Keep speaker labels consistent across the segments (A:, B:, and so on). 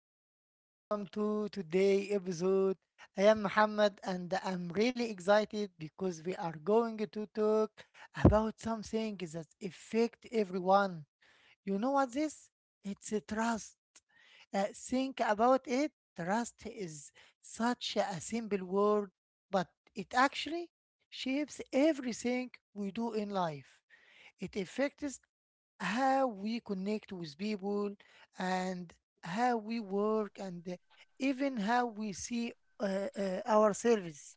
A: and welcome to today episode. I am Muhammad and I'm really excited because we are going to talk about something that affect everyone. You know what this? It's a trust. Think about it. Trust is such a simple word, but it actually shapes everything we do in life. It affects how we connect with people and how we work and even how we see ourselves.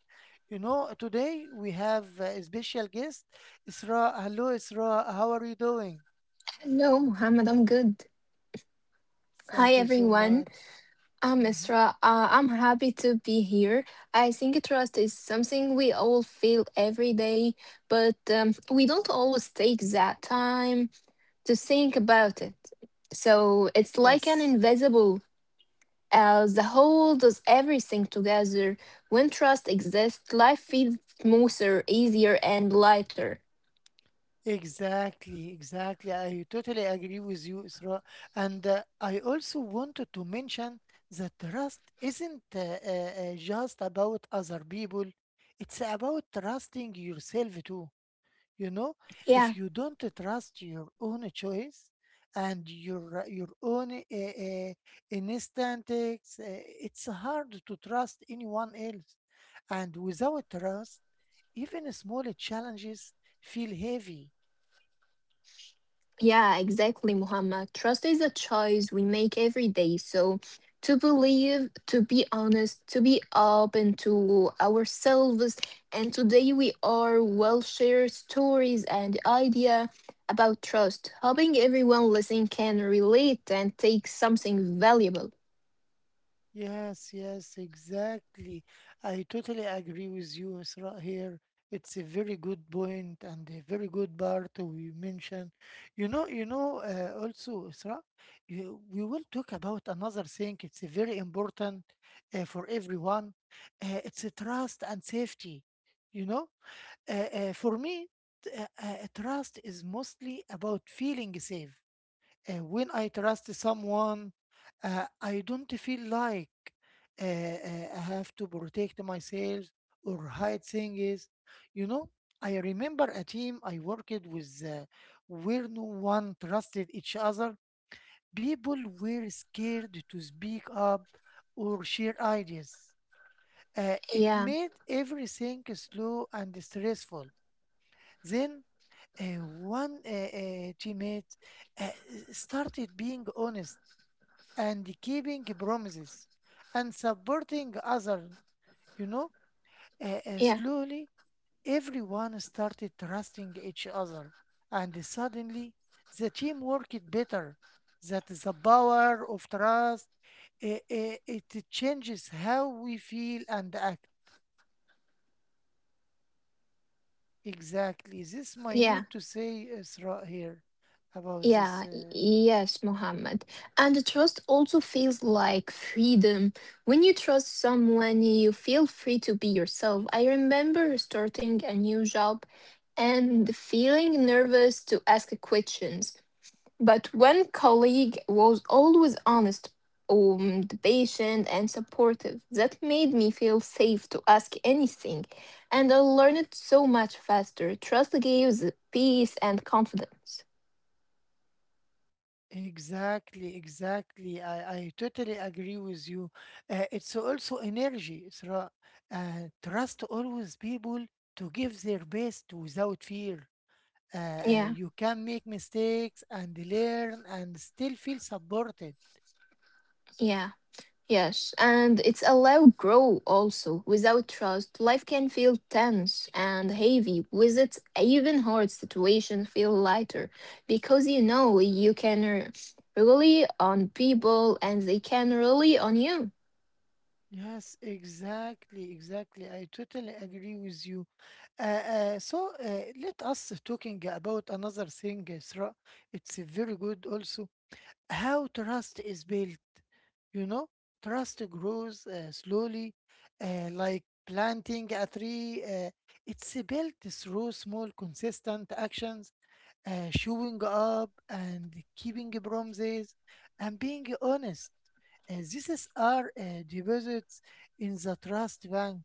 A: You know, today we have a special guest, Isra. Hello, Isra. How are you doing?
B: Hello, Mohammed. I'm good. Hi,
A: Thank you so
B: everyone.
A: much.
B: I'm
A: Mhm.
B: Isra. I'm happy to be here. I think trust is something we all feel every day, but we don't always take that time to think about it. So it's like an
A: Yes.
B: invisible. The whole does everything together. When trust exists, life feels smoother, easier, and lighter.
A: Exactly, exactly. I totally agree with you, Isra. And I also wanted to mention that trust isn't just about other people, it's about trusting yourself too. You know,
B: Yeah.
A: if you don't trust your own choice and your own instincts, it's hard to trust anyone else. And without trust, even small challenges feel heavy.
B: Yeah, exactly, Muhammad. Trust is a choice we make every day. So, to believe, to be honest, to be open to ourselves. And today we are well share stories and idea about trust, hoping everyone listening can relate and take something valuable.
A: Yes, yes, exactly. I totally agree with you, Isra, here. It's a very good point and a very good part we mentioned. Also, Isra, you, we will talk about another thing. It's a very important for everyone. It's a trust and safety. You know, for me, trust is mostly about feeling safe and when I trust someone, I don't feel like I have to protect myself or hide things. You know, I remember a team I worked with where no one trusted each other. People were scared to speak up or share ideas. It
B: Yeah,
A: made everything slow and stressful. Then one teammate uh, started being honest and keeping promises and supporting others. You know,
B: yeah,
A: slowly everyone started trusting each other, and suddenly the team worked better. That is the power of trust. uh, It changes how we feel and act. Exactly. This might need
B: yeah.
A: to say throughout here about this
B: Yeah, y-
A: uh,
B: yes, Mohammed. And trust also feels like freedom. When you trust someone, you feel free to be yourself. I remember starting a new job and feeling nervous to ask questions. But one colleague was always honest, patient, and supportive. That made me feel safe to ask anything. And I learned so much faster. Trust gives peace and confidence.
A: Exactly, exactly. I totally agree with you. It's also energy, Isra. Trust always people to give their best without fear.
B: Yeah,
A: You can make mistakes and learn and still feel supported.
B: yeah. Yes, and it's allow grow also. Without trust, life can feel tense and heavy. With it, even hard situations feel lighter because you know you can rely on people and they can rely on you.
A: Yes, exactly, exactly. I totally agree with you. So, let us talking about another thing, Isra. It's very good also. How trust is built. You know, trust grows slowly, like planting a tree. It's built through small, consistent actions, showing up and keeping promises and being honest. These are deposits in the trust bank.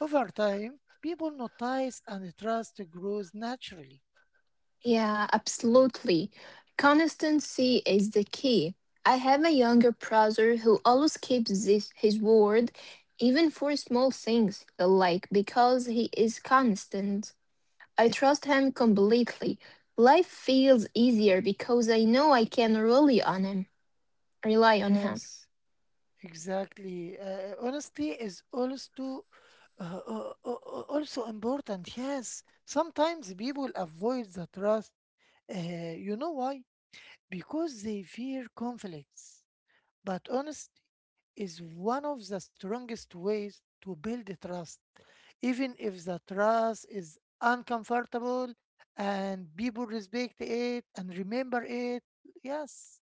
A: Over time, people notice and trust grows naturally.
B: Yeah, absolutely. Consistency is the key. I have a younger brother who always keeps this, his word, even for small things, like because he is constant. I trust him completely. Life feels easier because I know I can rely on him. Rely on him.
A: Yes. Exactly. Honesty is also uh, uh, uh, uh, also important. Yes, sometimes people avoid the trust. You know why? Because they fear conflicts. But honesty is one of the strongest ways to build the trust, even if the trust is uncomfortable and people respect it and remember it. Yes.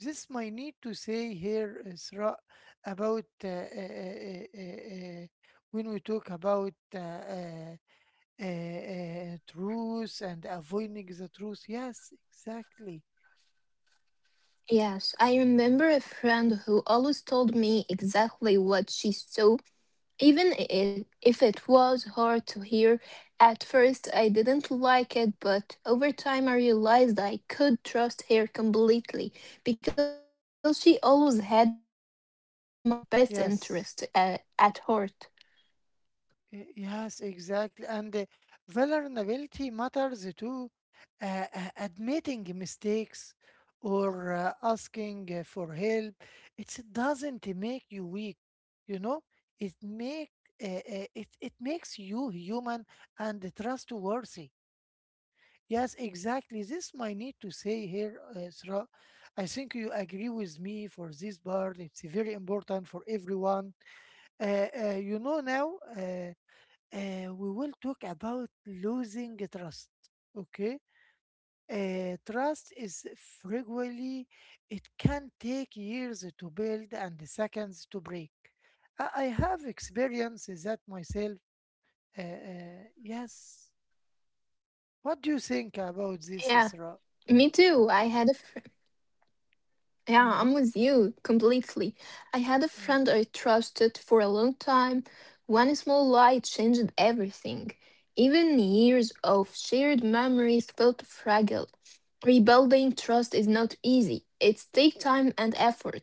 A: This might need to say here, Isra, about uh, when we talk about truth and avoiding the truth. Yes, exactly.
B: Yes, I remember a friend who always told me exactly what she saw, even if it was hard to hear. At first, I didn't like it, but over time, I realized I could trust her completely because she always had my best interest at heart.
A: Yes. Yes, exactly. And vulnerability matters too. Admitting mistakes or asking for help, it doesn't make you weak, you know? It make it it makes you human and trustworthy. Yes, exactly. This might need to say here, Isra. I think you agree with me for this part. It's very important for everyone. You know now. We will talk about losing trust. Okay, trust is frequently it can take years to build and seconds to break. I have experiences that myself. Yes. What
B: Yeah,
A: do you think
B: me
A: about this,
B: too. I had
A: Isra?
B: a yeah, I'm with you
A: Mm-hmm.
B: completely. I had a friend I
A: mm.
B: trusted for a long time. One small lie changed everything. Even years of shared memories felt fragile. Rebuilding trust is not easy. It takes time and effort.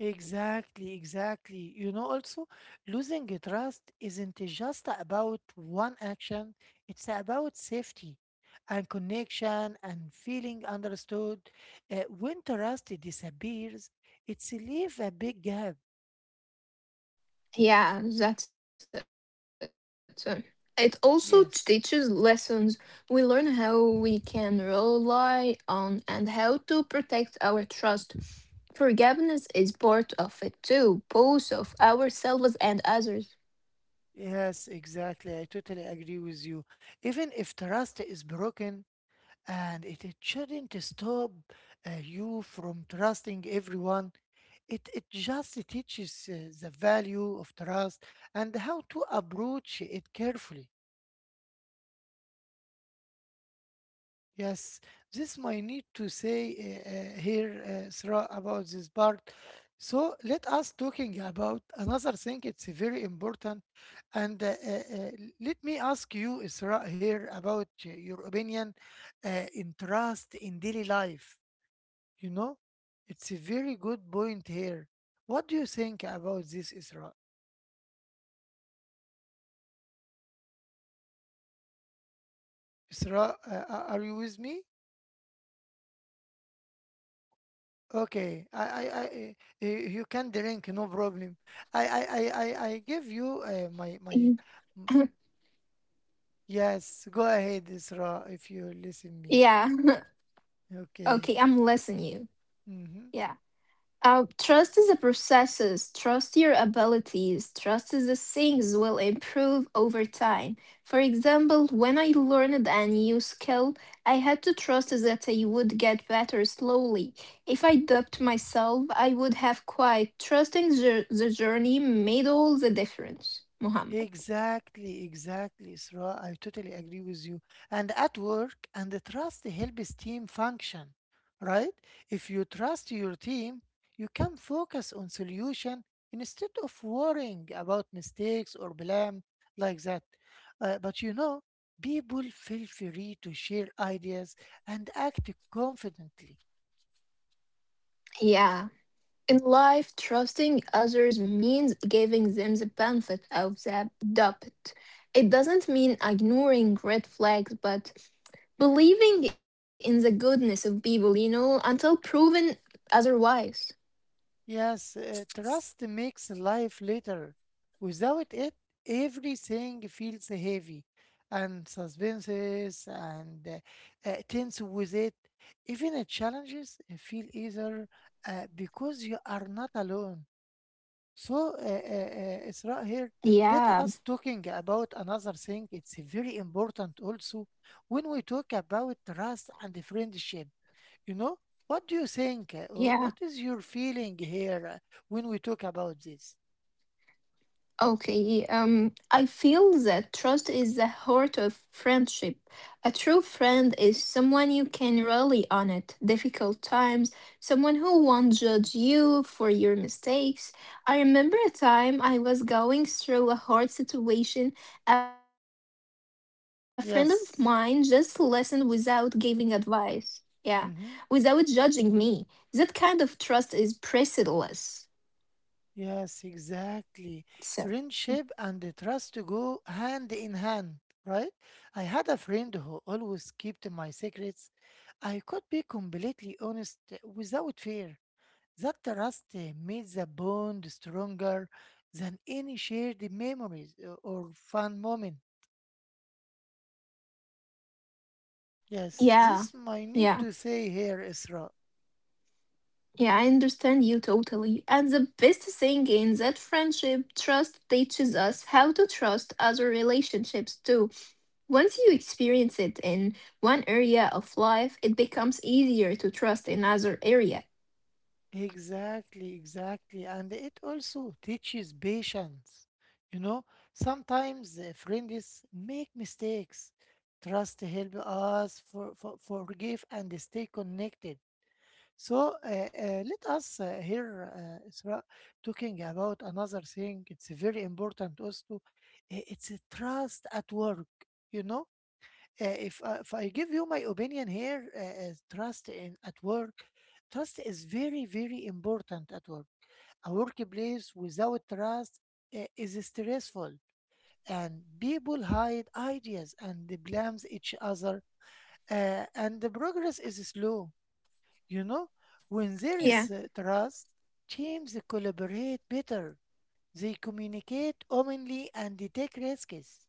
A: Exactly, exactly. You know, also losing a trust isn't just about one action, it's about safety and connection and feeling understood. When trust disappears, it's leave a big gap.
B: Yeah, that's it. It also teaches lessons.
A: Yes,
B: We learn how we can rely on and how to protect our trust. Forgiveness is part of it too, both of ourselves and others.
A: yes, exactly. I totally agree with you. Even if trust is broken, it shouldn't stop you from trusting everyone. It just teaches the value of trust and how to approach it carefully.
B: Yeah, trust is
A: Yes, this
B: everywhere,
A: might need
B: not
A: to
B: just in
A: say
B: relationships.
A: here, Sarah, about this part. So let us talking about another thing. It's very important, and uh, let me ask you, Isra, here about your opinion in trust in daily life. You know, it's a very good point
B: Yeah,
A: here. What do you think about this, Isra?
B: yeah. Okay, for me, trust is everywhere, not
A: Isra,
B: just in
A: are you with me?
B: relationships. Yeah.
A: Okay, you can drink, no problem. I give you
B: Yeah.
A: my, m- yes. Go ahead, Isra, if you listen me.
B: Yeah.
A: Okay.
B: Okay, I'm listening you.
A: Mm-hmm.
B: Yeah. Trust is a process. Trust your abilities. Trust is the things will improve over time. For example, when I learned a new skill, I had to trust that I would get better slowly. If I doubted myself, I would have quite trusting the journey made all the difference. Muhammad.
A: Exactly, exactly, Isra. I totally agree with you. And at work, and the trust helps team function, right? If you trust your team, you can focus on solution instead of worrying about mistakes or blame like that. But you know, people feel free to share ideas and act confidently.
B: Yeah. In life, trusting others means giving them the benefit of the doubt. It doesn't mean ignoring red flags, but believing in the goodness of people, you know, until proven otherwise.
A: Yes, trust makes life later. Without it, everything feels heavy, and suspenses and tense with it. Even challenges feel easier because you are not alone. So,
B: Yeah,
A: Isra here, let us talking about another thing. It's very important also when we talk about trust and friendship. You know, what do you think? Or
B: yeah.
A: What is your feeling here when we talk about this?
B: Okay, I feel that trust is the heart of friendship. A true friend is someone you can rely on at difficult times, someone who won't judge you for your mistakes. I remember a time I was going through a hard situation. A friend of mine just listened without
A: Yes.
B: giving advice. Yeah, without judging me.
A: Mm-hmm.
B: That kind of trust is priceless.
A: Yes,
B: So,
A: exactly. Friendship and the trust go hand in hand, right? I had a friend who always kept my secrets. I could be completely honest without fear. That trust made the bond stronger than any shared memories or fun moment. Yes,
B: yeah,
A: this might need
B: yeah.
A: to say here, Isra.
B: Yeah, I understand you totally. And the best thing in that friendship, trust teaches us how to trust other relationships too. Once you experience it in one area of life, it becomes easier to trust in other area.
A: Exactly, exactly. And it also teaches patience. You know, sometimes friends make mistakes. Trust help us forgive and stay connected. So let us hear Isra talking about another thing. It's very important also. It's a trust at work. You know, if I give you my opinion here, trust in at work, trust is very very important at work. A workplace without trust is stressful, and people hide ideas and they blames each other, and the progress is slow. You know, when there
B: Yeah.
A: is trust, teams collaborate better. They communicate openly and they take risks.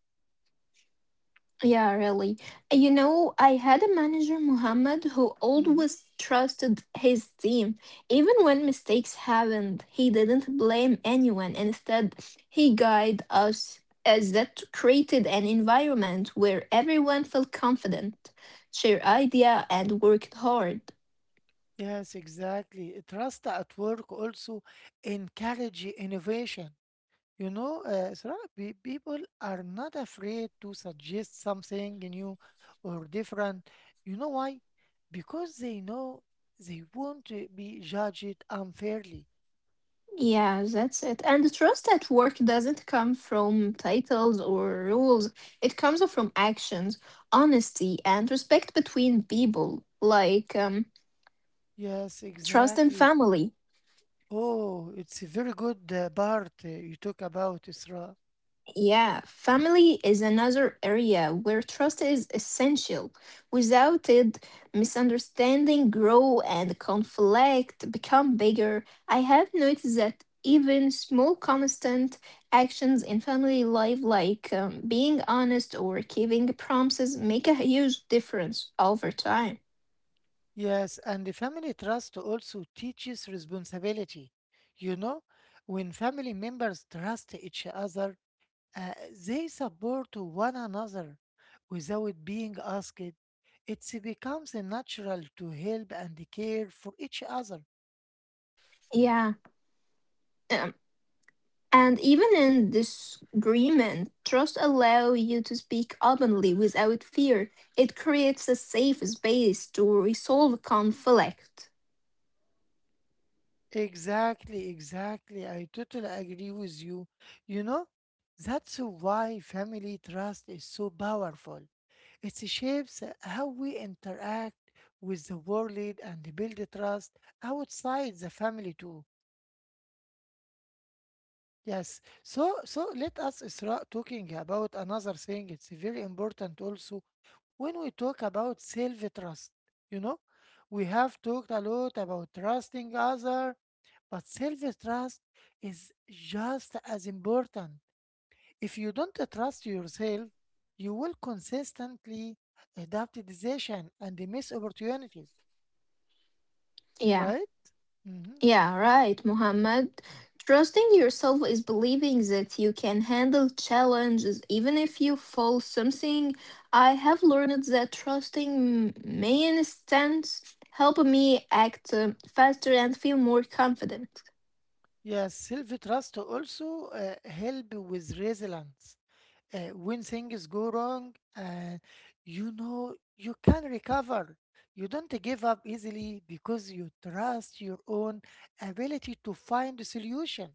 B: Yeah, really. You know, I had a manager, Muhammad, who
A: Mm-hmm.
B: always trusted his team. Even when mistakes happened, he didn't blame anyone. Instead, he guided us, as that created an environment where everyone felt confident, shared idea, and worked hard.
A: Yes, exactly. Trust at work also encourage innovation. You know, Sarah, people are not afraid to suggest something new or different. You know why? Because they know they won't be judged unfairly.
B: Yeah, that's it. And trust at work doesn't come from titles or rules, it comes from actions, honesty, and respect between people, like
A: Yes,
B: trust in
A: exactly.
B: family.
A: Oh, it's a very good part you talk about, Isra.
B: Yeah, family is another area where trust is essential. Without it, misunderstanding grow and conflict become bigger. I have noticed that even small constant actions in family life like being honest or keeping promises make a huge difference over time.
A: Yes, and the family trust also teaches responsibility. You know, when family members trust each other, uh, they support one another without being asked. It becomes natural to help and care for each other.
B: Yeah. Um, And even in disagreement, trust allows you to speak openly without fear. It creates a safe space to resolve conflict.
A: Exactly, exactly. I totally agree with you. You know, that's why family trust is so powerful. It shapes how we interact with the world and build trust outside the family too. Yes. So so let us start talking about another thing. It's very important also when we talk about self trust. You know, we have talked a lot about trusting others but self trust is just as important. If you don't trust yourself, you will consistently adapt decision and miss opportunities,
B: Yeah,
A: right? Mhm.
B: yeah, right, Muhammad. Trusting yourself is believing that you can handle challenges even if you fall something. I have learned that trusting my instincts help me act faster and feel more confident.
A: Yes, self trust also help with resilience. When things go wrong, and you know you can recover. You don't give up easily because you trust your own ability to find a solution.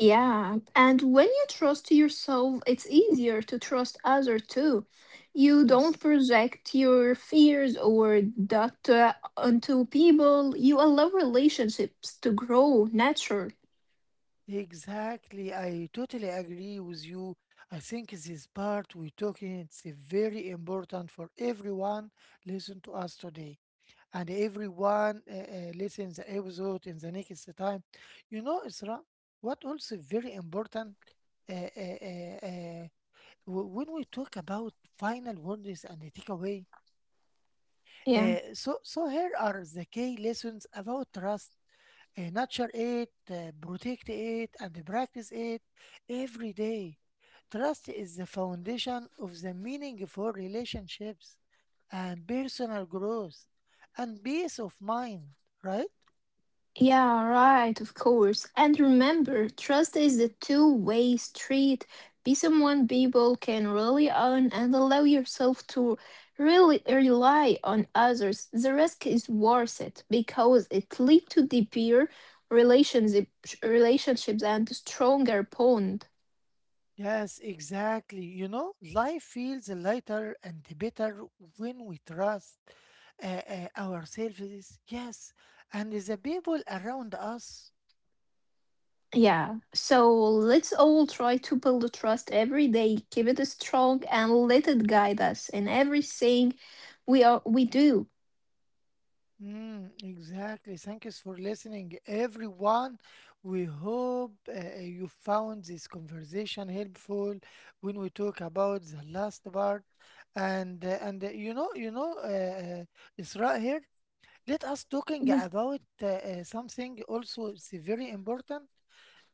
B: Yeah, and when you trust yourself, it's easier to trust others too. You don't
A: Yes.
B: project your fears or doubt onto people. You allow relationships to grow natural.
A: Exactly. I totally agree with you. I think this part we're talking it's very important for everyone listen to us today and everyone listen the episode in the next time. You know, Isra, what also very important uh, uh, uh, uh, when we talk about final warnings and the takeaway,
B: Yeah.
A: so here are the key lessons about trust. Nurture it, protect it, and practice it every day. Trust is the foundation of the meaningful relationships and personal growth and peace of mind, right?
B: Yeah, right, of course. And remember, trust is a two-way street. Be someone people can rely on and allow yourself to really rely on others. The risk is worth it because it leads to deeper relationship, relationships and stronger bond.
A: Yes, exactly. You know, life feels lighter and better when we trust ourselves. Yes, and the people around us.
B: Yeah, so let's all try to build trust every day, keep it strong, and let it guide us in everything we do.
A: Mm, exactly. Thank you for listening, everyone. We hope you found this conversation helpful when we talk about the last part. And you know It's right here. Let us talking
B: Yeah.
A: about something also. It's very important.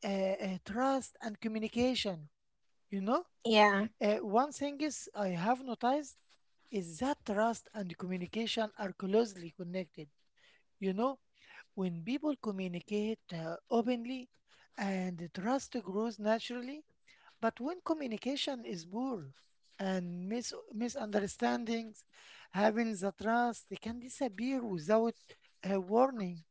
A: Trust and communication. You know,
B: Yeah.
A: one thing is I have noticed is that trust and communication are closely connected. You know when people communicate openly and trust grows naturally, but when communication is poor and misunderstandings having the trust they can disappear without a warning.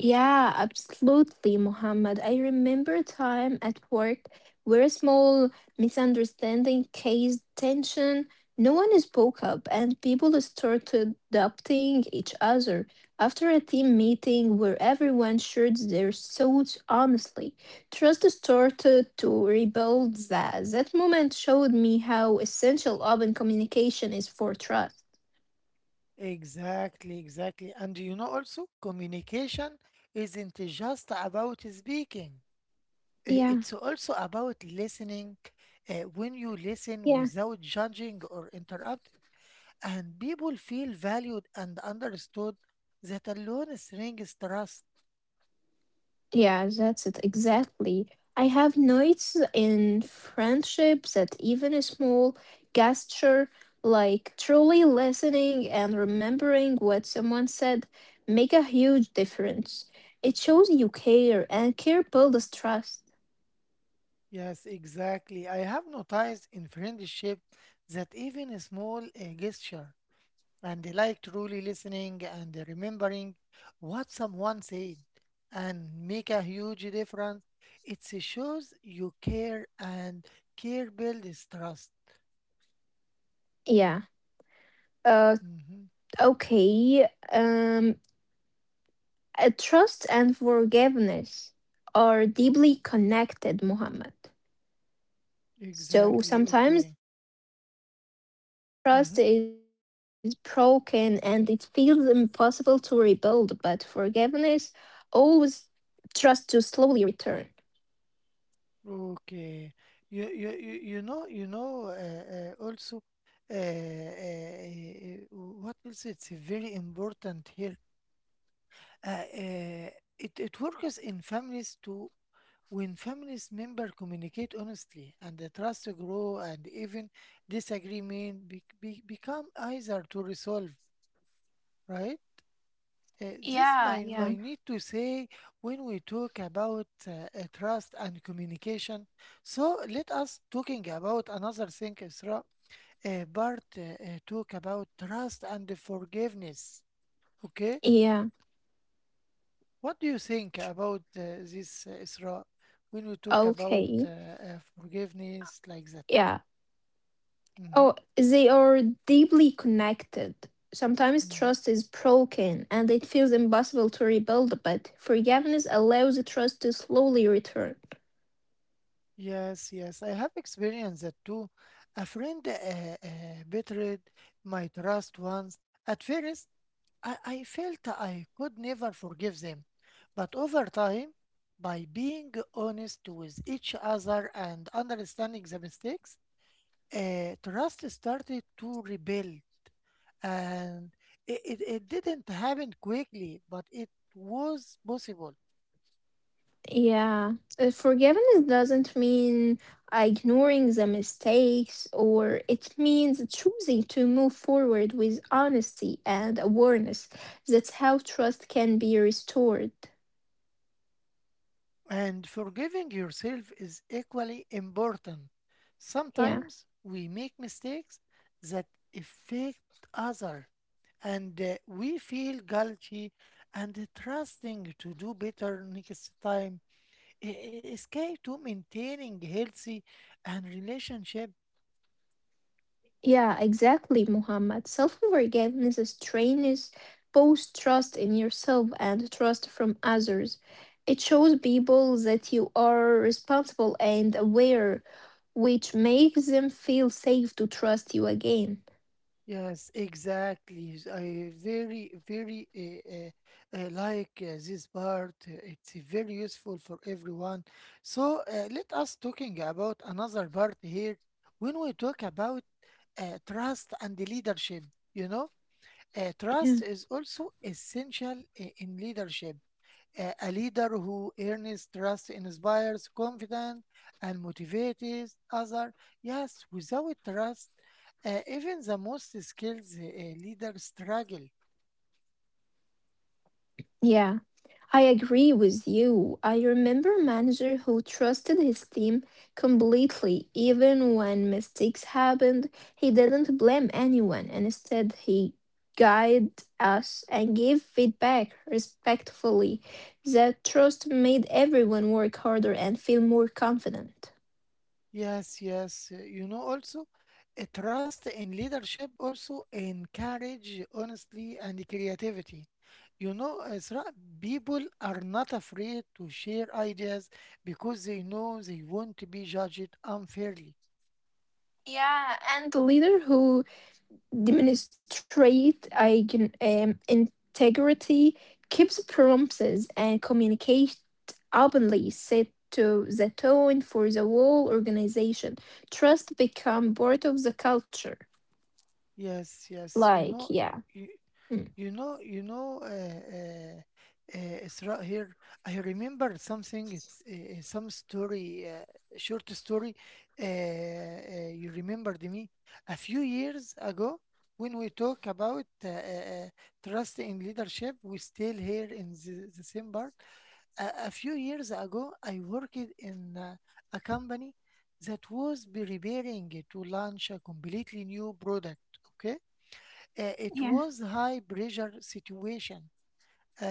B: Yeah, absolutely, Mohammed. I remember a time at work where a small misunderstanding caused tension. No one spoke up, and people started adopting each other. After a team meeting where everyone shared their thoughts honestly, trust started to rebuild. That moment showed me how essential open communication is for trust.
A: Exactly, exactly. And you know also communication isn't just about speaking.
B: Yeah.
A: It's also about listening. When you listen without judging or interrupting and people feel valued and understood, that alone strengthens trust.
B: Yeah, that's it exactly. I have noticed in friendships that even a small gesture like truly listening and remembering what someone said make a huge difference. It shows you care and care builds trust.
A: Yes, exactly. I have noticed in friendship that even a small gesture and like truly listening and remembering what someone said and make a huge difference. It shows you care and care builds trust.
B: Yeah. Uh
A: hmm
B: okay. Um trust and forgiveness are deeply connected, Muhammad. So
A: Exactly.
B: sometimes
A: Okay.
B: trust is broken and it
A: hmm
B: feels impossible to rebuild, but forgiveness always trust to slowly return.
A: Okay. You you know also, what else? It's very important here. Uh, uh, it it works in families too. When families member communicate honestly and the trust grow and even disagreement become easier to resolve, right? This
B: Yeah,
A: might,
B: yeah.
A: might need to say when we talk about trust and communication. So let us talking about another thing, Isra. Bart talk about trust and forgiveness. Okay,
B: Yeah.
A: what do you think about this, Isra? When we talk about
B: Okay.
A: forgiveness like that.
B: Yeah.
A: hmm
B: Oh, they are deeply connected. Sometimes
A: hmm
B: trust is broken and it feels impossible to rebuild, but forgiveness allows the trust to slowly return.
A: Yes, yes, I have experienced that too. A friend betrayed my trust once. At first, I felt I could never forgive them, but over time, by being honest with each other and understanding the mistakes, trust started to rebuild. And it didn't happen quickly, but it was possible.
B: Yeah, forgiveness doesn't mean ignoring the mistakes, or it means choosing to move forward with honesty and awareness. That's how trust can be restored.
A: And forgiving yourself is equally important.
B: Yeah,
A: Sometimes we make mistakes that affect others, and we feel guilty and trusting to do better next time. Is key to maintaining healthy and relationship.
B: yeah, exactly, Muhammad. Self forgiveness is trains both trust in yourself and trust from others. It shows people that you are responsible and aware, which makes them feel safe to trust you again.
A: Yes, exactly. I very, very like this part. It's very useful for everyone. So let us talking about another part here. When we talk about trust and leadership, you know, trust
B: Yeah,
A: is also essential in leadership. A leader who earns trust inspires confidence and motivates others. Yes, without trust, even the most skilled leader struggle.
B: yeah, I agree with you. I remember a manager who trusted his team completely, even when mistakes happened. He didn't blame anyone, and instead he guided us and gave feedback respectfully. That trust made everyone work harder and feel more confident.
A: Yes, yes. You know, also, trust in leadership also encourage honesty and creativity. You know, Ezra, people are not afraid to share ideas because they know they won't be judged unfairly.
B: Yeah, and the leader who demonstrate I can integrity keeps promises and communication openly set to the tone for the whole organization. Trust become part of the culture.
A: Yes, yes. You
B: Like,
A: know,
B: yeah. Mm.
A: you know, uh, Isra here. I remember something. It's some story, short story. You remembered me a few years ago when we talk about trust in leadership. We still here in the same bar a few years ago, I worked in a company that was be preparing to launch a completely new product. Okay, it
B: Yeah.
A: was high pressure situation. Uh,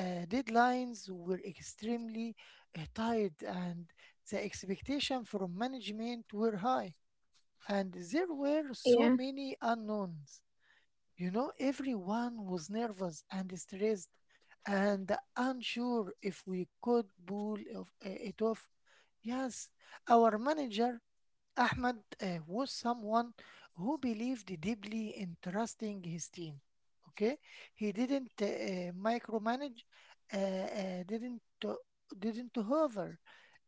A: uh, Deadlines were extremely tight, and the expectation from management were high. And there were
B: Yeah.
A: so many unknowns. You know, everyone was nervous and stressed and unsure if we could pull it off. Yes, our manager, Ahmed, was someone who believed deeply in trusting his team. Okay, he didn't micromanage, uh, uh, didn't to- didn't hover,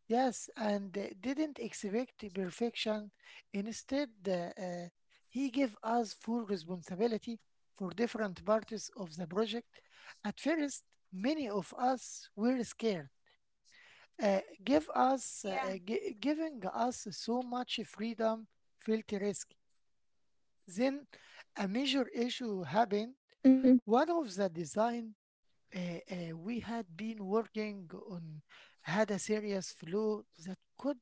A: yes, and didn't expect perfection. Instead, he gave us full responsibility for different parts of the project. At first, many of us were scared.
B: Yeah.
A: Giving us so much freedom felt risky. Then, a
B: Mhm.
A: major issue happened. One of the design we had been working on had a serious flu that could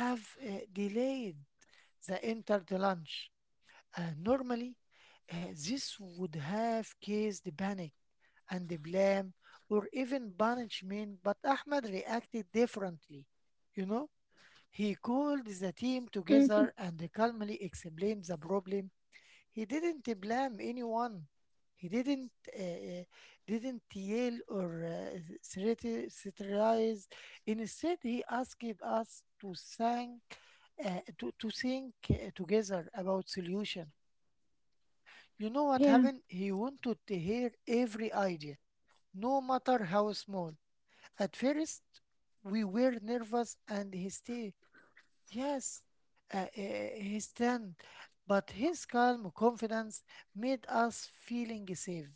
A: have delayed the entered lunch. Normally, this would have caused panic and blame or even punishment, but Ahmed reacted differently. You know, he called
B: Mhm.
A: the team together and calmly explained the problem. He didn't blame anyone. He uh, uh, didn't yell or satirize. Instead, he asked us to think, to think together about solution. You know
B: Yeah.
A: what happened? He wanted to hear every idea, no matter how small. At first, we were nervous and hysterical. Yes, he's stunned, but his calm confidence made us feeling safe,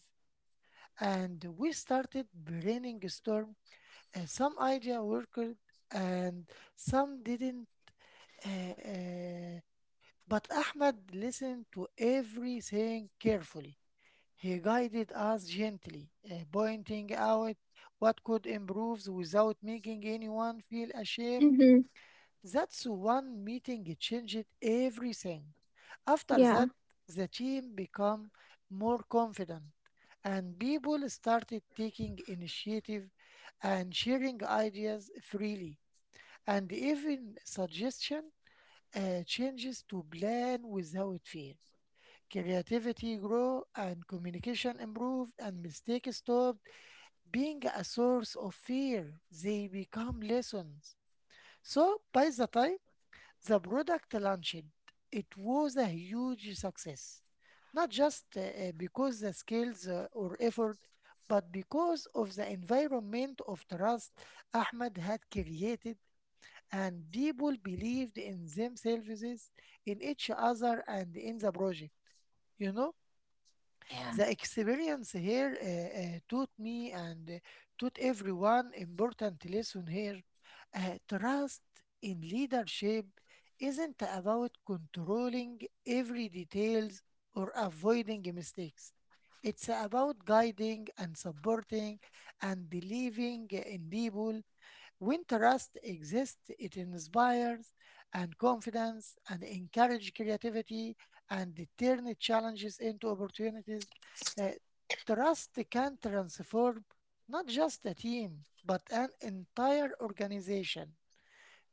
A: and we started brainstorm. Some idea worked, and some didn't. uh, uh, but Ahmed listened to everything carefully. He guided us gently, pointing out what could improve without making anyone feel ashamed.
B: Mhm.
A: That's one meeting changed everything. After that,
B: Yeah.
A: the team become more confident and people started taking initiative and sharing ideas freely and even suggestion changes to plan without fear. Creativity grow and communication improved and mistakes stopped being a source of fear. They become lessons. So by the time the product launched, it was a huge success, not just because the skills or effort, but because of the environment of trust Ahmed had created, and people believed in themselves, in each other, and in the project. You know?
B: Yeah.
A: The experience here taught me and taught everyone important lesson here. Trust in leadership isn't about controlling every details or avoiding mistakes. It's about guiding and supporting and believing in people. When trust exists, it inspires and confidence and encourage creativity and turn challenges into opportunities. Uh, Trust can transform not just a team, but an entire organization.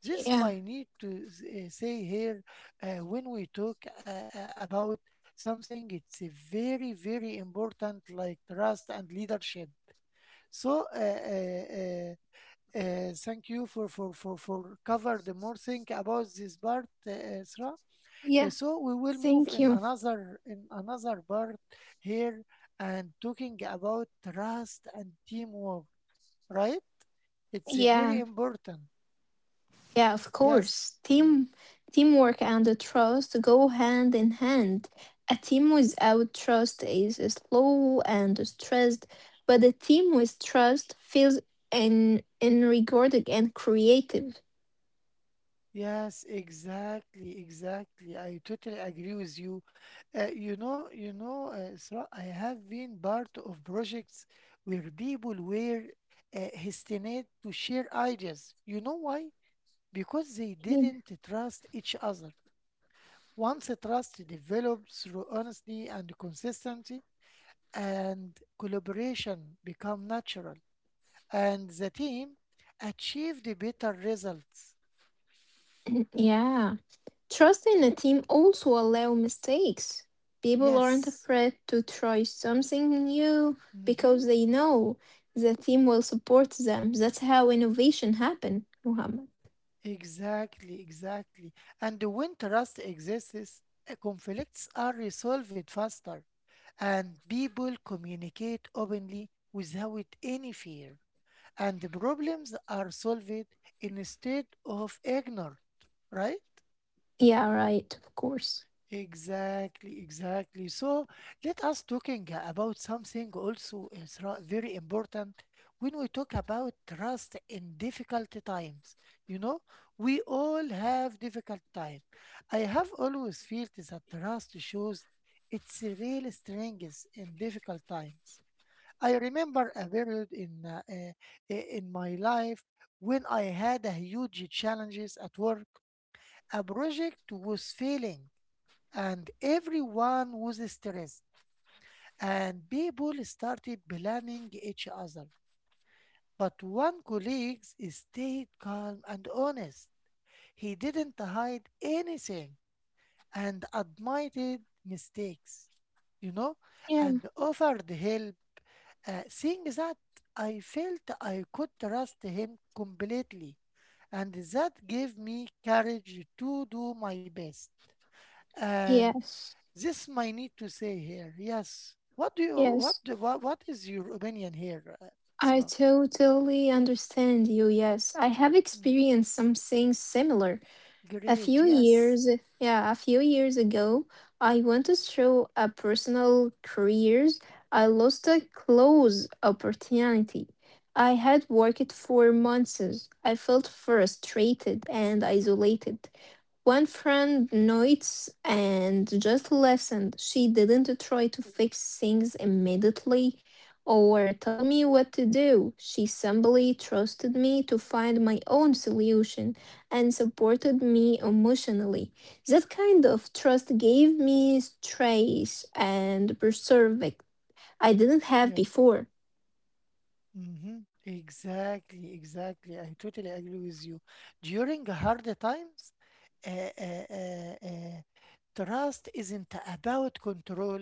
A: This
B: Yeah.
A: might need to say here when we talk about something, it's a very, very important like trust and leadership. So, thank you for cover the more thing about this part, Isra.
B: Yeah.
A: So we will move in
B: Thank you.
A: another part here and talking about trust and teamwork. Right? It's very
B: Yeah.
A: important.
B: Yeah, of
A: Yes.
B: course. Teamwork and the trust go hand in hand. A team without trust is slow and stressed, but a team with trust feels enrigorded and creative.
A: Yes, exactly, exactly. I totally agree with you. You know, Isra, I have been part of projects where people were hesitant to share ideas. You know why? Because they
B: Yeah.
A: didn't trust each other. Once trust develops through honesty and consistency, and collaboration become natural, and the team achieved better results.
B: Yeah. Trust in a team also allow mistakes. People aren't
A: Yes,
B: afraid to try something new
A: hmm
B: because they know the team will support them. That's how innovation happen, Muhammad.
A: exactly, exactly. And when trust exists, conflicts are resolved faster, and people communicate openly without any fear, and the problems are solved instead of ignored, right?
B: Yeah, right, of course.
A: Exactly, exactly. So let us talking about something also very important when we talk about trust in difficult times. You know, we all have difficult time. I have always felt that trust shows its real strengths in difficult times. I remember a period in in my life when I had a huge challenges at work. A project was failing and everyone was stressed and people started blaming each other. But one colleague stayed calm and honest. He didn't hide anything and admitted mistakes, you know, and
B: Yeah,
A: offered help. Seeing that, I felt I could trust him completely, and that gave me courage to do my best. And
B: yes,
A: this might need to say here. Yes. What do you
B: yes.
A: what is your opinion here,
B: I
A: Isra?
B: totally understand you. Yes, I have
A: Mm.
B: experienced something similar. A few
A: Great.
B: years
A: Yes.
B: yeah, a few years ago, I went through a personal careers. I lost a close opportunity. I had worked for months. I felt frustrated and isolated. One friend noticed and just listened. She didn't try to fix things immediately or tell me what to do. She simply trusted me to find my own solution and supported me emotionally. That kind of trust gave me strength and perseverance I didn't have
A: Yes.
B: before.
A: hmm Exactly, exactly. I totally agree with you. During hard times, uh, uh, uh, uh, trust isn't about control.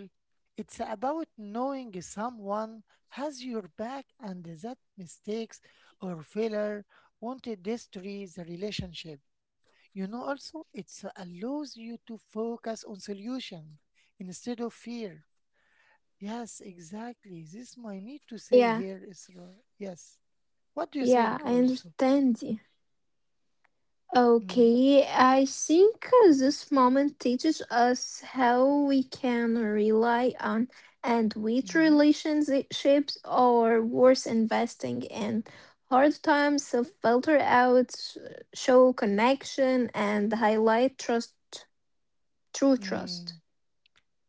A: It's about knowing someone has your back and that mistakes or failure won't destroy the relationship. You know, also, it allows you to focus on solutions instead of fear. Yes, exactly. This might need to say
B: Yeah,
A: here, Isra. Yes. What do you
B: yeah,
A: think
B: I
A: also?
B: understand you.
A: Mm-hmm,
B: Okay, I think this moment teaches us how we can rely on and which
A: mm-hmm,
B: relationships are worth investing in. Hard times filter out, show connection, and highlight trust. True
A: mm.
B: trust.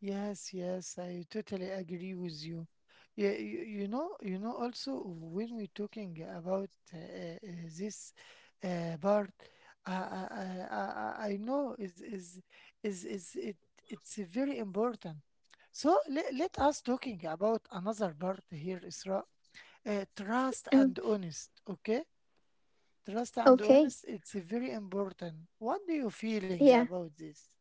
A: Yes, yes, I totally agree with you. Yeah, you, you know, also when we're talking about this part, I know is it it's very important. So let us talking about another part here, Isra. Trust
B: Mm,
A: and honest, okay? Trust and
B: okay,
A: honest, it's very important. What do you feeling
B: yeah.
A: about this?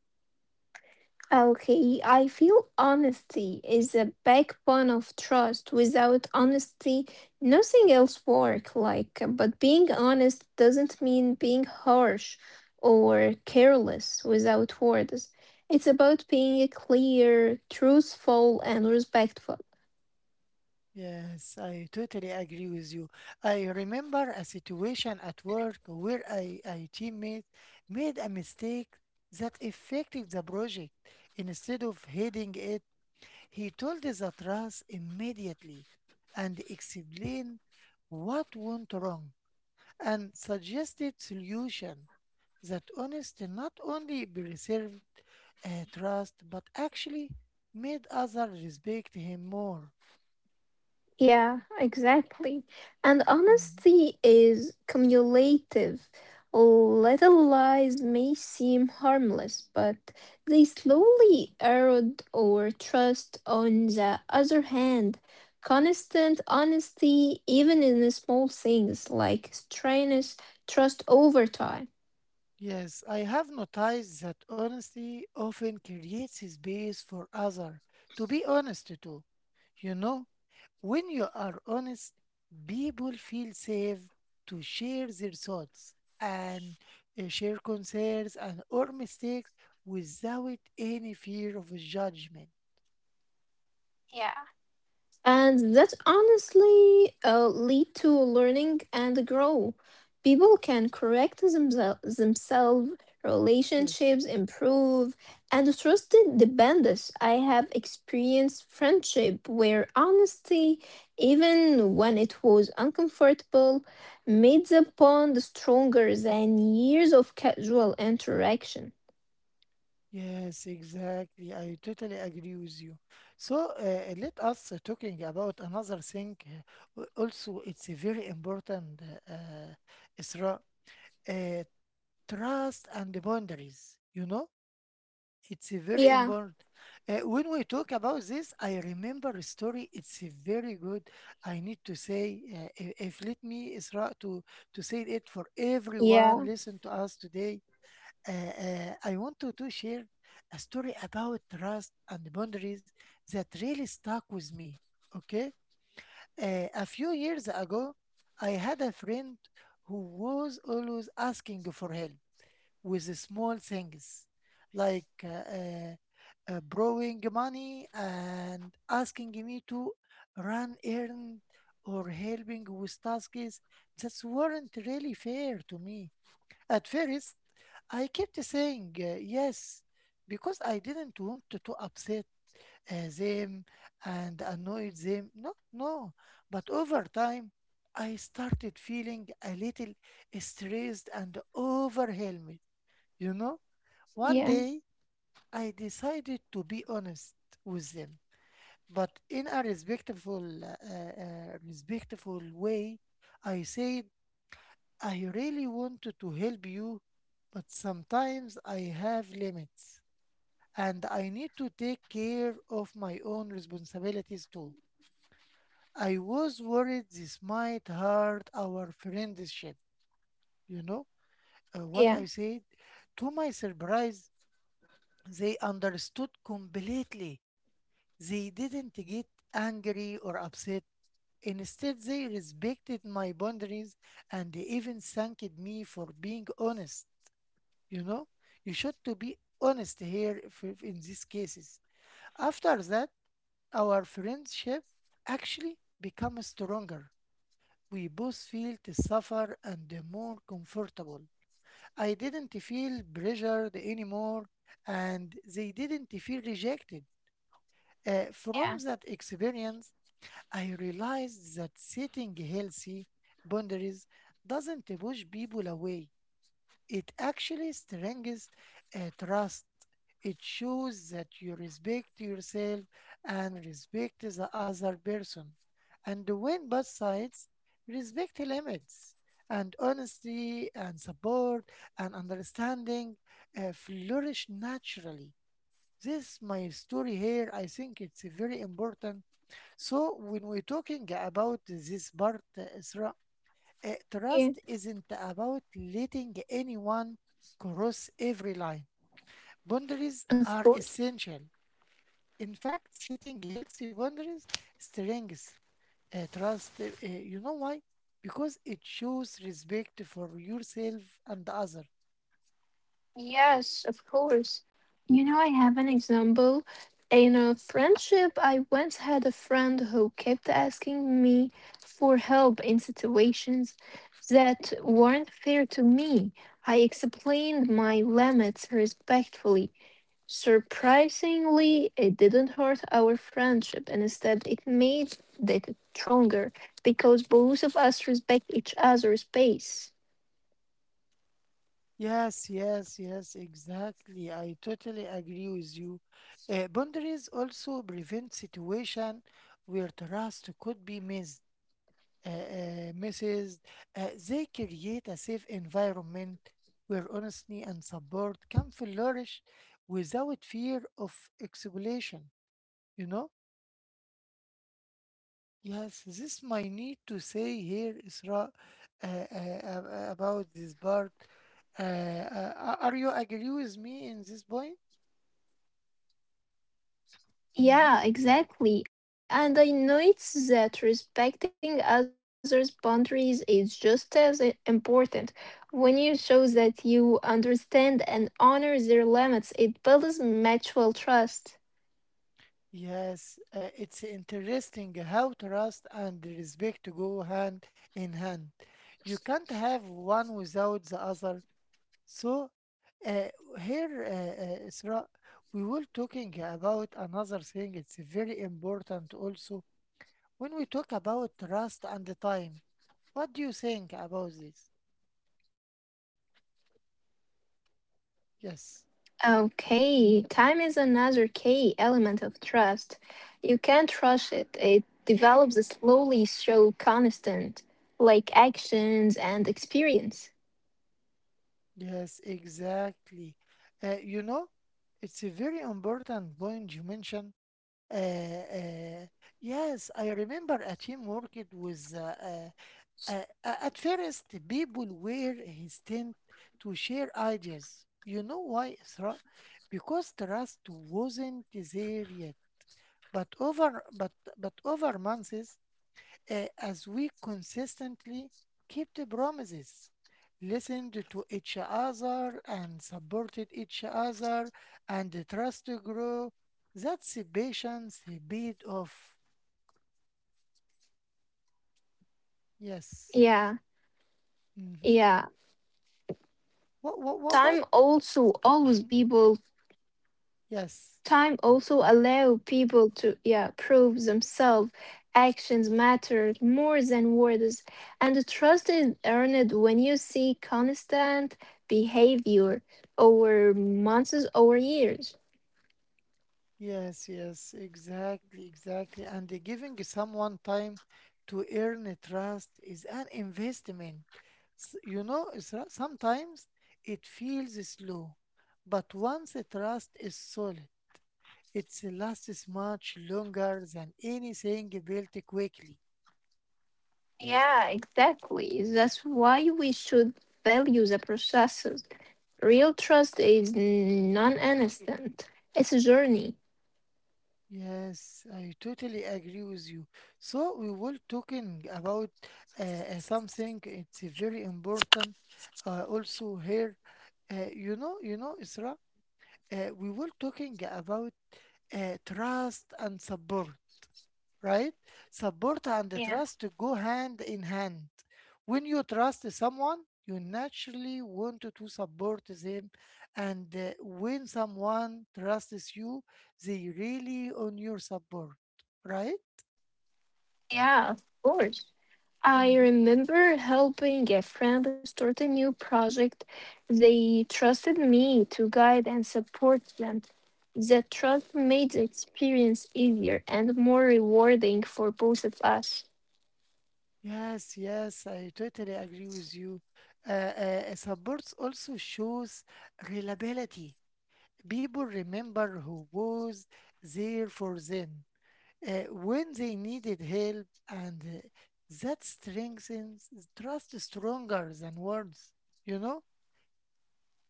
B: Okay, I feel honesty is a backbone of trust. Without honesty, nothing else work like, but being honest doesn't mean being harsh or careless without words. It's about being clear, truthful, and respectful.
A: Yes, I totally agree with you. I remember a situation at work where I, a teammate made a mistake that affected the project. Instead of heading it, he told the trust immediately and explained what went wrong and suggested solution. That honesty not only preserved trust but actually made others respect him more.
B: Yeah, exactly. And
A: Mm.
B: honesty is cumulative. Little lies may seem harmless, but they slowly erode our trust. On the other hand, constant honesty, even in the small things like strange trust over time.
A: Yes, I have noticed that honesty often creates space for others to be honest too. You know, when you are honest, people feel safe to share their thoughts and share concerns and or mistakes without any fear of judgment.
B: Yeah. And that honestly lead to learning and grow. People can correct themselves,
A: Yes.
B: relationships improve, and trust depends. I have experienced friendship where honesty, even when it was uncomfortable, made the bond stronger than years of casual interaction.
A: Yes, exactly. I totally agree with you. So let us talking about another thing. Also, it's a very important, Isra, uh, trust and the boundaries. You know, it's a very
B: Yeah,
A: important. When we talk about this, I remember a story. It's a very good. I need to say, if let me, Isra, to say it for everyone.
B: yeah,
A: Listen to us today. Uh, I want to share a story about trust and boundaries that really stuck with me. Okay, a few years ago, I had a friend who was always asking for help with small things like borrowing money and asking me to run errand or helping with tasks that weren't really fair to me. At first, I kept saying yes because I didn't want to upset them and annoy them. No, no. But over time, I started feeling a little stressed and overwhelmed, you know? One
B: yeah,
A: day, I decided to be honest with them, but in a respectful, respectful way. I said, I really wanted to help you, but sometimes I have limits and I need to take care of my own responsibilities too. I was worried this might hurt our friendship, you know? What
B: yeah,
A: I said, to my surprise, they understood completely. They didn't get angry or upset. Instead, they respected my boundaries and they even thanked me for being honest. You know, you should to be honest here if in these cases. After that, our friendship actually became stronger. We both feel to suffer and the more comfortable. I didn't feel pressured anymore and they didn't feel rejected. From
B: yeah,
A: that experience, I realized that setting healthy boundaries doesn't push people away. It actually strengthens trust. It shows that you respect yourself and respect the other person. And when both sides respect limits, and honesty and support and understanding flourish naturally. This my story here. I think it's very important. So when we're talking about this part, Isra,
B: yeah,
A: trust isn't about letting anyone cross every line. Boundaries
B: of
A: are
B: course.
A: essential. In fact, setting healthy boundaries strengthens trust. You know why? Because it shows respect for yourself and others.
B: Yes, of course. You know, I have an example. In a friendship, I once had a friend who kept asking me for help in situations that weren't fair to me. I explained my limits respectfully. Surprisingly, it didn't hurt our friendship. And instead, it made it stronger because both of us respect each other's space.
A: Yes, yes, yes, exactly. I totally agree with you. Boundaries also prevent situation where trust could be missed, misses. They create a safe environment where honesty and support can flourish without fear of exploitation. You know? Yes, this my need to say here, Isra,
B: Yeah.
A: about this part. Are you agree with me in this point? Mhm.
B: Yeah, exactly. And I noticed that respecting others' boundaries is just as important. When you show that you understand and honor their limits, it builds mutual trust.
A: Yes, it's interesting how trust and respect go hand in hand. You can't have one without the other. So, uh, here, Isra, we were talking about another thing. It's very important also when we talk about trust and the time. What do you think about this? Yes,
B: Okay, time is another key element of trust. You can't rush it, it develops slowly through constant, like actions and experience.
A: yes, exactly. You know, it's a very important point you mentioned. Uh, uh, yes, I remember a team worked with. At first, the people were hesitant to share ideas. You know why, Isra? Because trust wasn't there yet. But over, but but over months, as we consistently kept the promises, listened to each other, and supported each other, and the trust grew. That's the patience paid off. Yes.
B: Yeah,
A: Mm-hmm.
B: yeah.
A: What?
B: Time also always
A: Mm,
B: people
A: yes.
B: Time also allow people to yeah prove themselves. Actions matter more than words and the trust is earned when you see constant behavior over months or years.
A: Yes, yes, exactly, exactly. And the giving someone time to earn a trust is an investment. You know, sometimes it feels slow, but once the trust is solid, it lasts much longer than anything built quickly.
B: Yeah, exactly, that's why we should value the processes. Real trust is non-instant, it's a journey.
A: Yes, I totally agree with you. So we were talking about something it's very important also here. You know, Isra, we were talking about trust and support, right? Support and
B: Yeah,
A: trust go hand in hand. When you trust someone, you naturally want to support them. And when someone trusts you, they really on your support, right?
B: yeah, of course. I
A: Hmm.
B: remember helping a friend start a new project. They trusted me to guide and support them. That trust made the experience easier and more rewarding for both of us.
A: Yes, yes, I totally agree with you. Support also shows reliability. People remember who was there for them when they needed help, and that strengthens trust stronger than words, you know?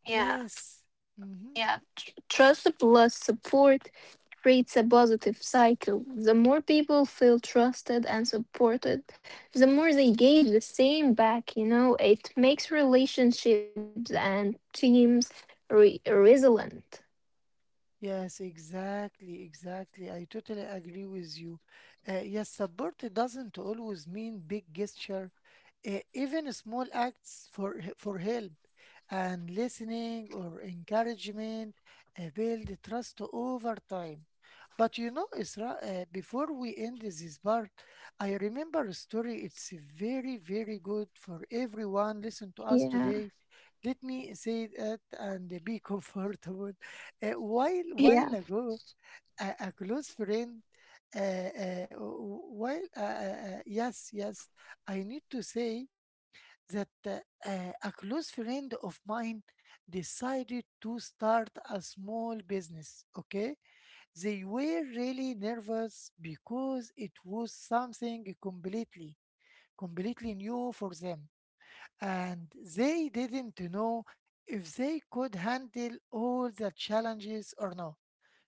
B: Yeah,
A: Yes. Mhm.
B: yeah. Trust plus support creates a positive cycle. The more people feel trusted and supported, the more they give the same back, you know, it makes relationships and teams resilient.
A: Yes, exactly, exactly. I totally agree with you. Yes, support doesn't always mean big gesture. Even small acts for help and listening or encouragement build trust over time. But you know, Isra, before we end this part, I remember a story. It's very, very good for everyone. Listen to us today.
B: Yeah,
A: Let me say that and be comfortable. A while ago,
B: yeah,
A: a close friend, w- while yes, yes, I need to say that a close friend of mine decided to start a small business. Okay, they were really nervous because it was something completely new for them, and they didn't know if they could handle all the challenges or not.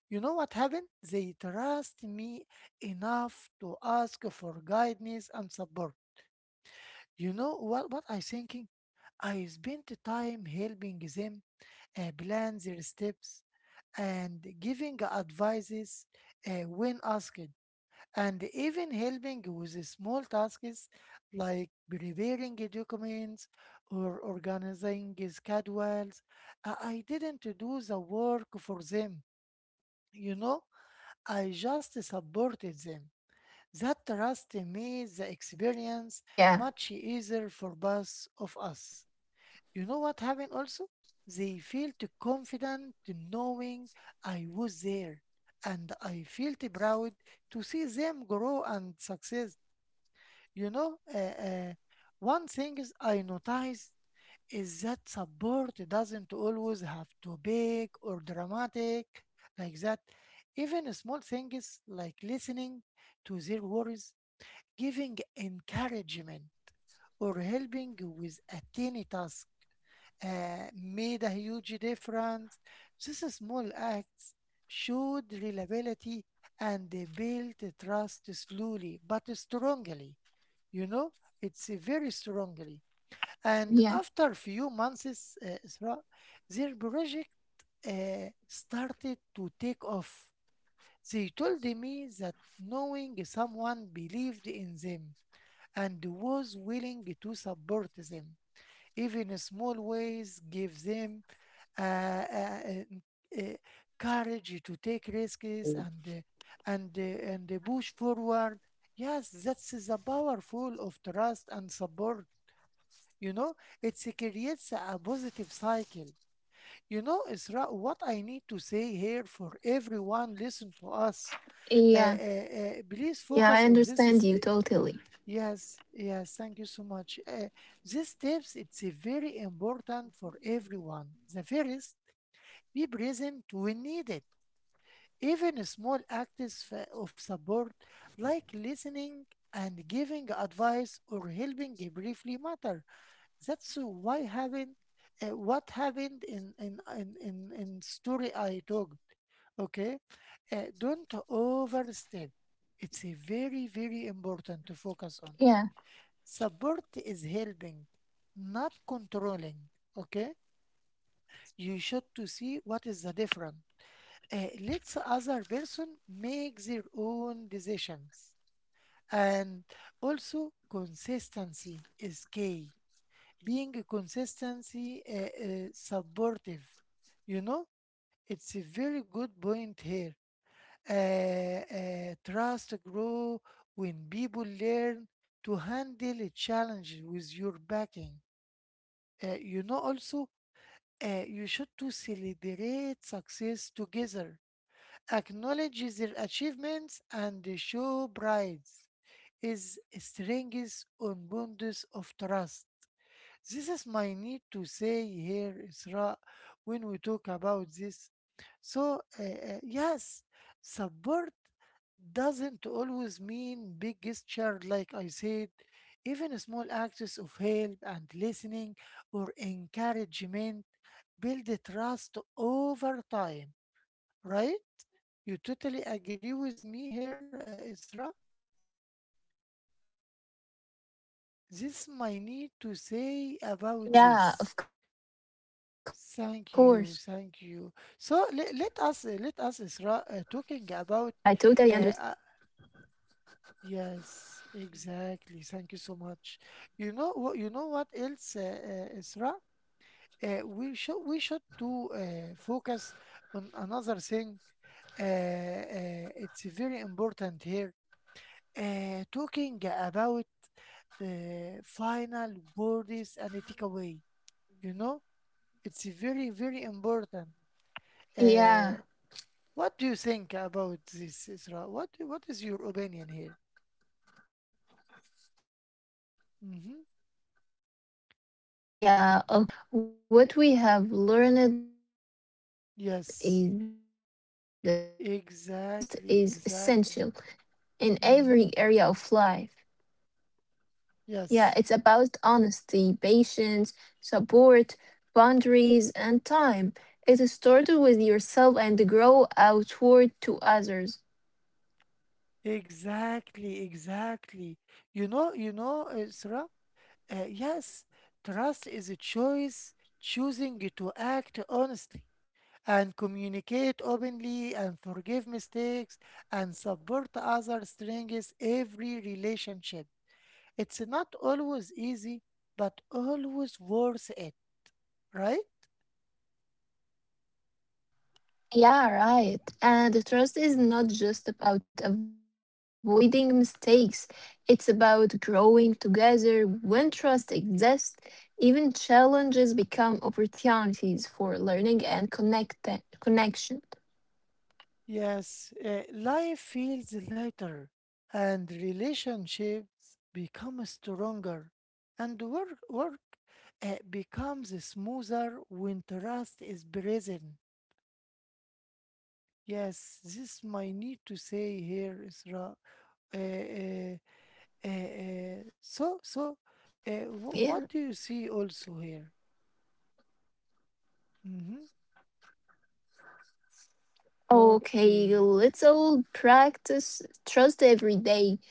A: You know what happened? They trust me enough to ask for guidance and support. You know what I thinking? I spent time helping them plan their steps and giving advices when asked, and even helping with the small tasks like preparing the documents or organizing the schedules. I didn't do the work for them, you know. I just supported them. That trust made the experience much easier for both
B: yeah,
A: of us. You know what happened also? They felt confident knowing I was there, and I felt proud to see them grow and success. You know, uh, uh, One thing is I noticed is that support doesn't always have to big or dramatic like that. Even small things like listening to their worries, giving encouragement, or helping with a tiny task made a huge difference. These small acts showed reliability and they built trust slowly but strongly. You know, it's very strongly. And after few months,
B: yeah,
A: Isra, their project started to take off. They told me that knowing someone believed in them and was willing to support them, even small ways, gave them uh, uh, uh, uh, courage to take risks and push forward. Yes, that's the powerful of trust and support. You know, it creates a positive cycle. You know, Isra, what I need to say here for everyone, listen to us. Please focus on this.
B: yeah,
A: Yes,
B: yeah. I
A: yes, thank you so
B: understand you
A: much.
B: totally.
A: These tips, it's a very important for everyone. The first, be present when needed. Even small acts of support, like listening and giving advice or helping briefly matter. That's so, why having, what happened in story I talked. Okay, don't overstep. It's a very very important to focus on. Support is helping,
B: Yeah,
A: not controlling. Okay, you should to see what is the difference. Let's other person make their own decisions, and also consistency is key, being a consistency supportive, you know, it's a very good point here. Trust grow when people learn to handle a challenge with your backing. You know also, you should to celebrate success together, acknowledge their achievements and show pride is strengths on bonds of trust. This is my need to say here, Isra, when we talk about this. So, yes, support doesn't always mean big gesture, like I said. Even small acts of help and listening or encouragement build the trust over time, right? You totally agree with me here, Isra? This is my need to say about
B: yeah, of
A: this.
B: course.
A: Thank you, thank you. So let us Isra, talking about uh,
B: Yeah,
A: uh,
B: I totally understand you.
A: yes, exactly. Thank you so much. You know what? You know what else, Isra? We should do focus on another thing. It's very important here. Talking about uh, final words and takeaway. You know, it's very very important.
B: Yeah,
A: Uh, What do you think about this, Isra? What is your opinion here?
B: yeah,
A: Mm-hmm.
B: okay. After all this connection, what we have learned is that trust
A: Yes,
B: is essential in every
A: exactly,
B: area of
A: exactly.
B: life.
A: Mm-hmm.
B: Yeah, it's about
A: Yes,
B: honesty, patience, support, boundaries, and time. It started with yourself and grow outward to others.
A: exactly, exactly. You know, Isra. Yes, trust is a choice, choosing to act honestly and communicate openly and forgive mistakes and support others strengthens every relationship. It's not always easy, but always worth it, right?
B: Yeah, right. And the trust is not just about avoiding mistakes. It's about growing together. When trust exists, even challenges become opportunities for learning and connection.
A: Yes, life feels lighter and relationships become stronger and work becomes smoother when trust is present. Yes, this my need to say here, Isra.
B: Yeah,
A: Uh,
B: of
A: uh,
B: course. Yeah.
A: uh, uh, so, so, uh,
B: Yeah.
A: wh- what do you see also here? Mm-hmm.
B: Okay,
A: Okay.
B: let's all practice trust every day.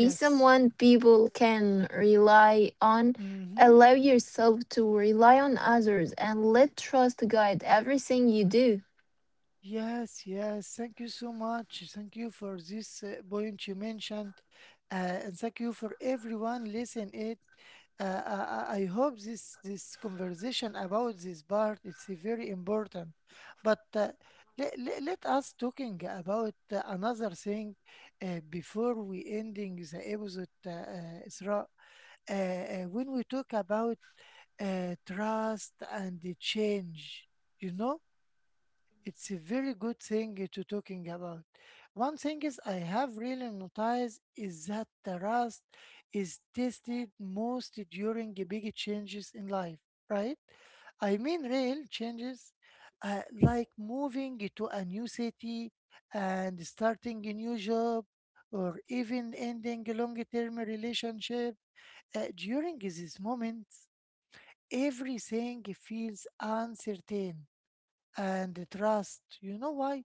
B: Be someone people can rely on.
A: Mm-hmm.
B: Allow yourself to rely on others and let trust guide everything you do.
A: Yes, yes. Thank you so much. Thank you for this point you mentioned, and thank you for everyone listening. It. I hope this conversation about this part it's very important. But let us talking about another thing before we ending the episode, Isra. When we talk about trust and the change, you know, it's a very good thing to talking about. One thing is I have really noticed is that the rust is tested most during the big changes in life, right? I mean real changes, like moving to a new city and starting a new job, or even ending a long-term relationship. During these moments, everything feels uncertain and the trust. You know why?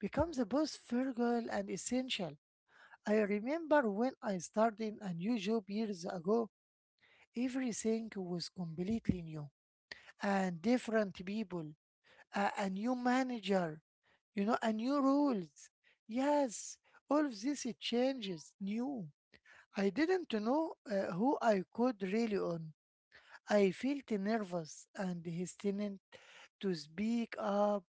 A: Becomes both frugal and essential. I remember when I started a new job years ago, everything was completely new and different people, a new manager, you know, and new rules. Yes, all of this it changes new. I didn't know who I could rely on. I felt nervous and hesitant to speak up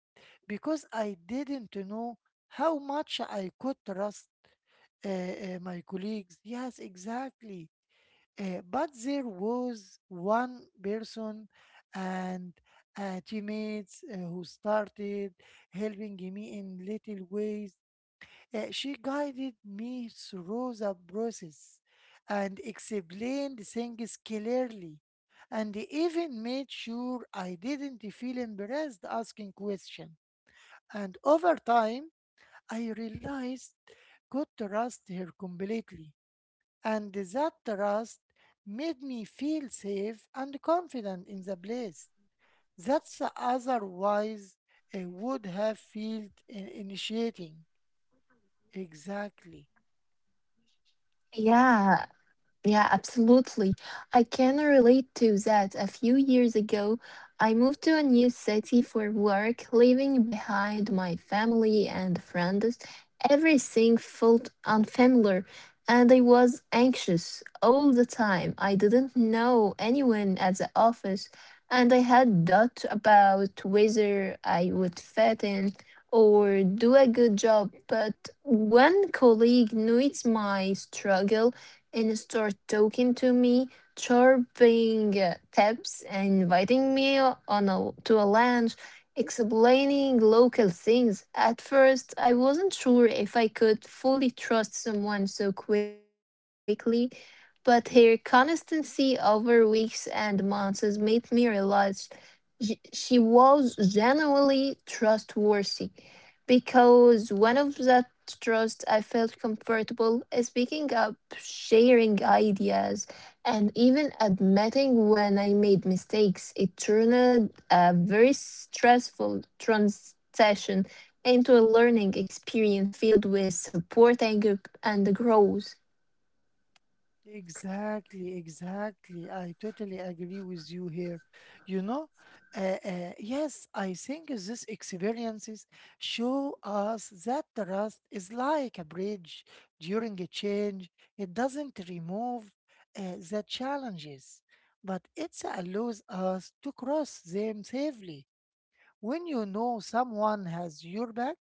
A: because I didn't know how much I could trust my colleagues. Yes, exactly. But there was one person and teammates who started helping me in little ways. She guided me through the process and explained things clearly and even made sure I didn't feel embarrassed asking questions. And over time, I realized could trust her completely, and that trust made me feel safe and confident in the place. That's otherwise I would have felt initiating. Exactly.
B: Yeah, yeah, absolutely. I can relate to that. A few years ago, I moved to a new city for work, leaving behind my family and friends. Everything felt unfamiliar, and I was anxious all the time. I didn't know anyone at the office, and I had doubts about whether I would fit in or do a good job, but one colleague noticed my struggle and started talking to me, chirping tips, and inviting me on a, to a lunch, explaining local things. At first, I wasn't sure if I could fully trust someone so quickly but her consistency over weeks and months has made me realize she was genuinely trustworthy because one of that trust I felt comfortable speaking up, sharing ideas, and even admitting when I made mistakes. It turned a very stressful transition into a learning experience filled with support and, and growth.
A: Exactly, exactly. I totally agree with you here. You know, yes, I think these experiences show us that trust is like a bridge during a change. It doesn't remove the challenges, but it allows us to cross them safely. When you know someone has your back,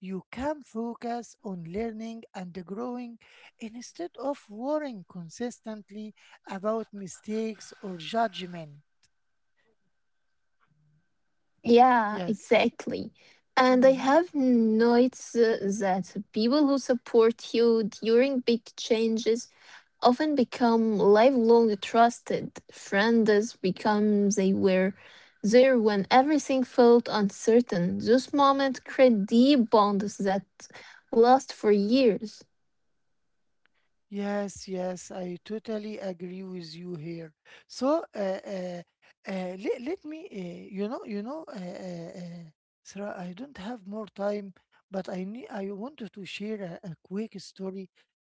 A: you can focus on learning and growing instead of worrying consistently about mistakes or judgment.
B: Yeah,
A: Yes.
B: exactly. And I
A: Mm-hmm.
B: have noticed that people who support you during big changes often become lifelong trusted friends, become they were there when everything felt uncertain. Those moments create deep bonds that last for years.
A: Yes, yes, I totally agree with you here. So, let, let me, you know, Sarah, I don't have more time, but I wanted to share a quick story,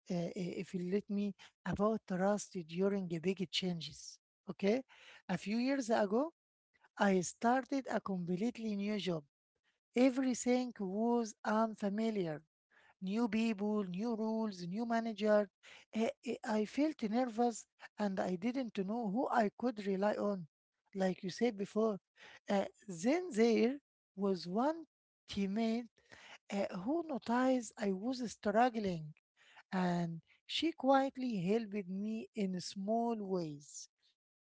A: if you let me, about trust during the big changes. Okay, a few years ago, I started a completely new job. Everything was unfamiliar new people, new rules, new manager. I felt nervous and I didn't know who I could rely on. Like you said before, then there was one teammate who noticed I was struggling and she quietly helped me in small ways,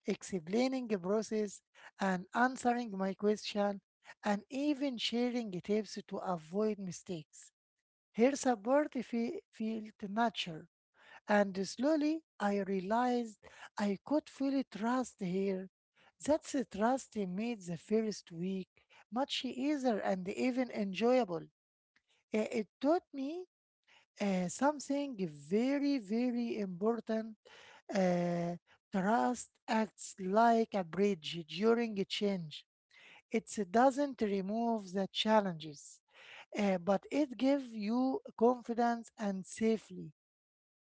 A: explaining the process and answering my question and even sharing tips to avoid mistakes. Here's a bird feel the nature. And slowly I realized I could fully trust her. That's a trust he made the first week much easier and even enjoyable. It taught me something very, very important. Uh, trust acts like a bridge during a change. It doesn't remove the challenges, but it gives you confidence and safely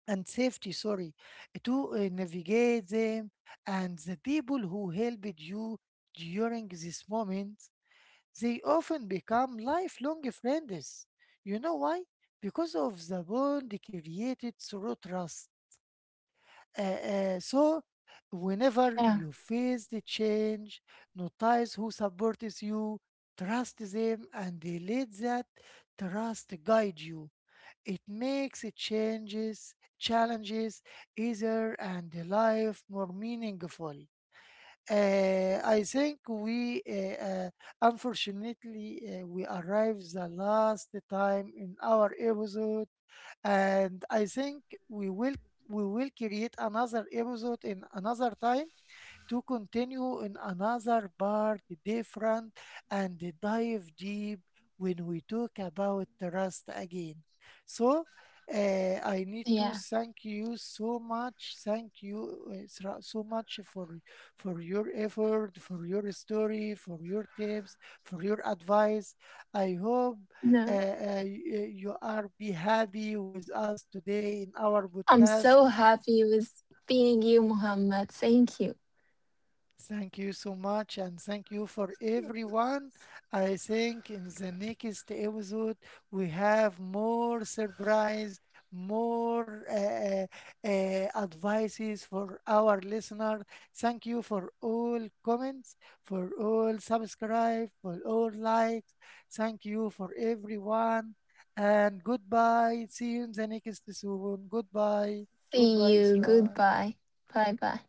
A: and safety sorry to navigate them, and the people who helped you during this moment, they often become lifelong friends. You know why? Because of the bond created through trust. Uh, so whenever
B: Yeah,
A: you face the change, notice who supports you, trust them and they let that trust guide you. It makes it changes challenges easier and life more meaningful. I think we unfortunately we arrived the last time in our episode, and I think we will we will create another episode in another time to continue in another part different and dive deep when we talk about trust again. So,
B: yeah.
A: I need to thank you so much. Thank you so much for your effort, for your story, for your tips, for your advice. I hope
B: No,
A: you are be happy with us today in our
B: I'm so
A: podcast.
B: happy with being you, Muhammad. Thank you.
A: Thank you so much, and thank you for everyone. I think in the next episode we have more surprise, more advices for our listener. Thank you for all comments, for all subscribe, for all likes. Thank you for everyone, and goodbye. See you in the next soon. Goodbye,
B: See
A: goodbye,
B: you.
A: Isra.
B: Goodbye. Bye bye.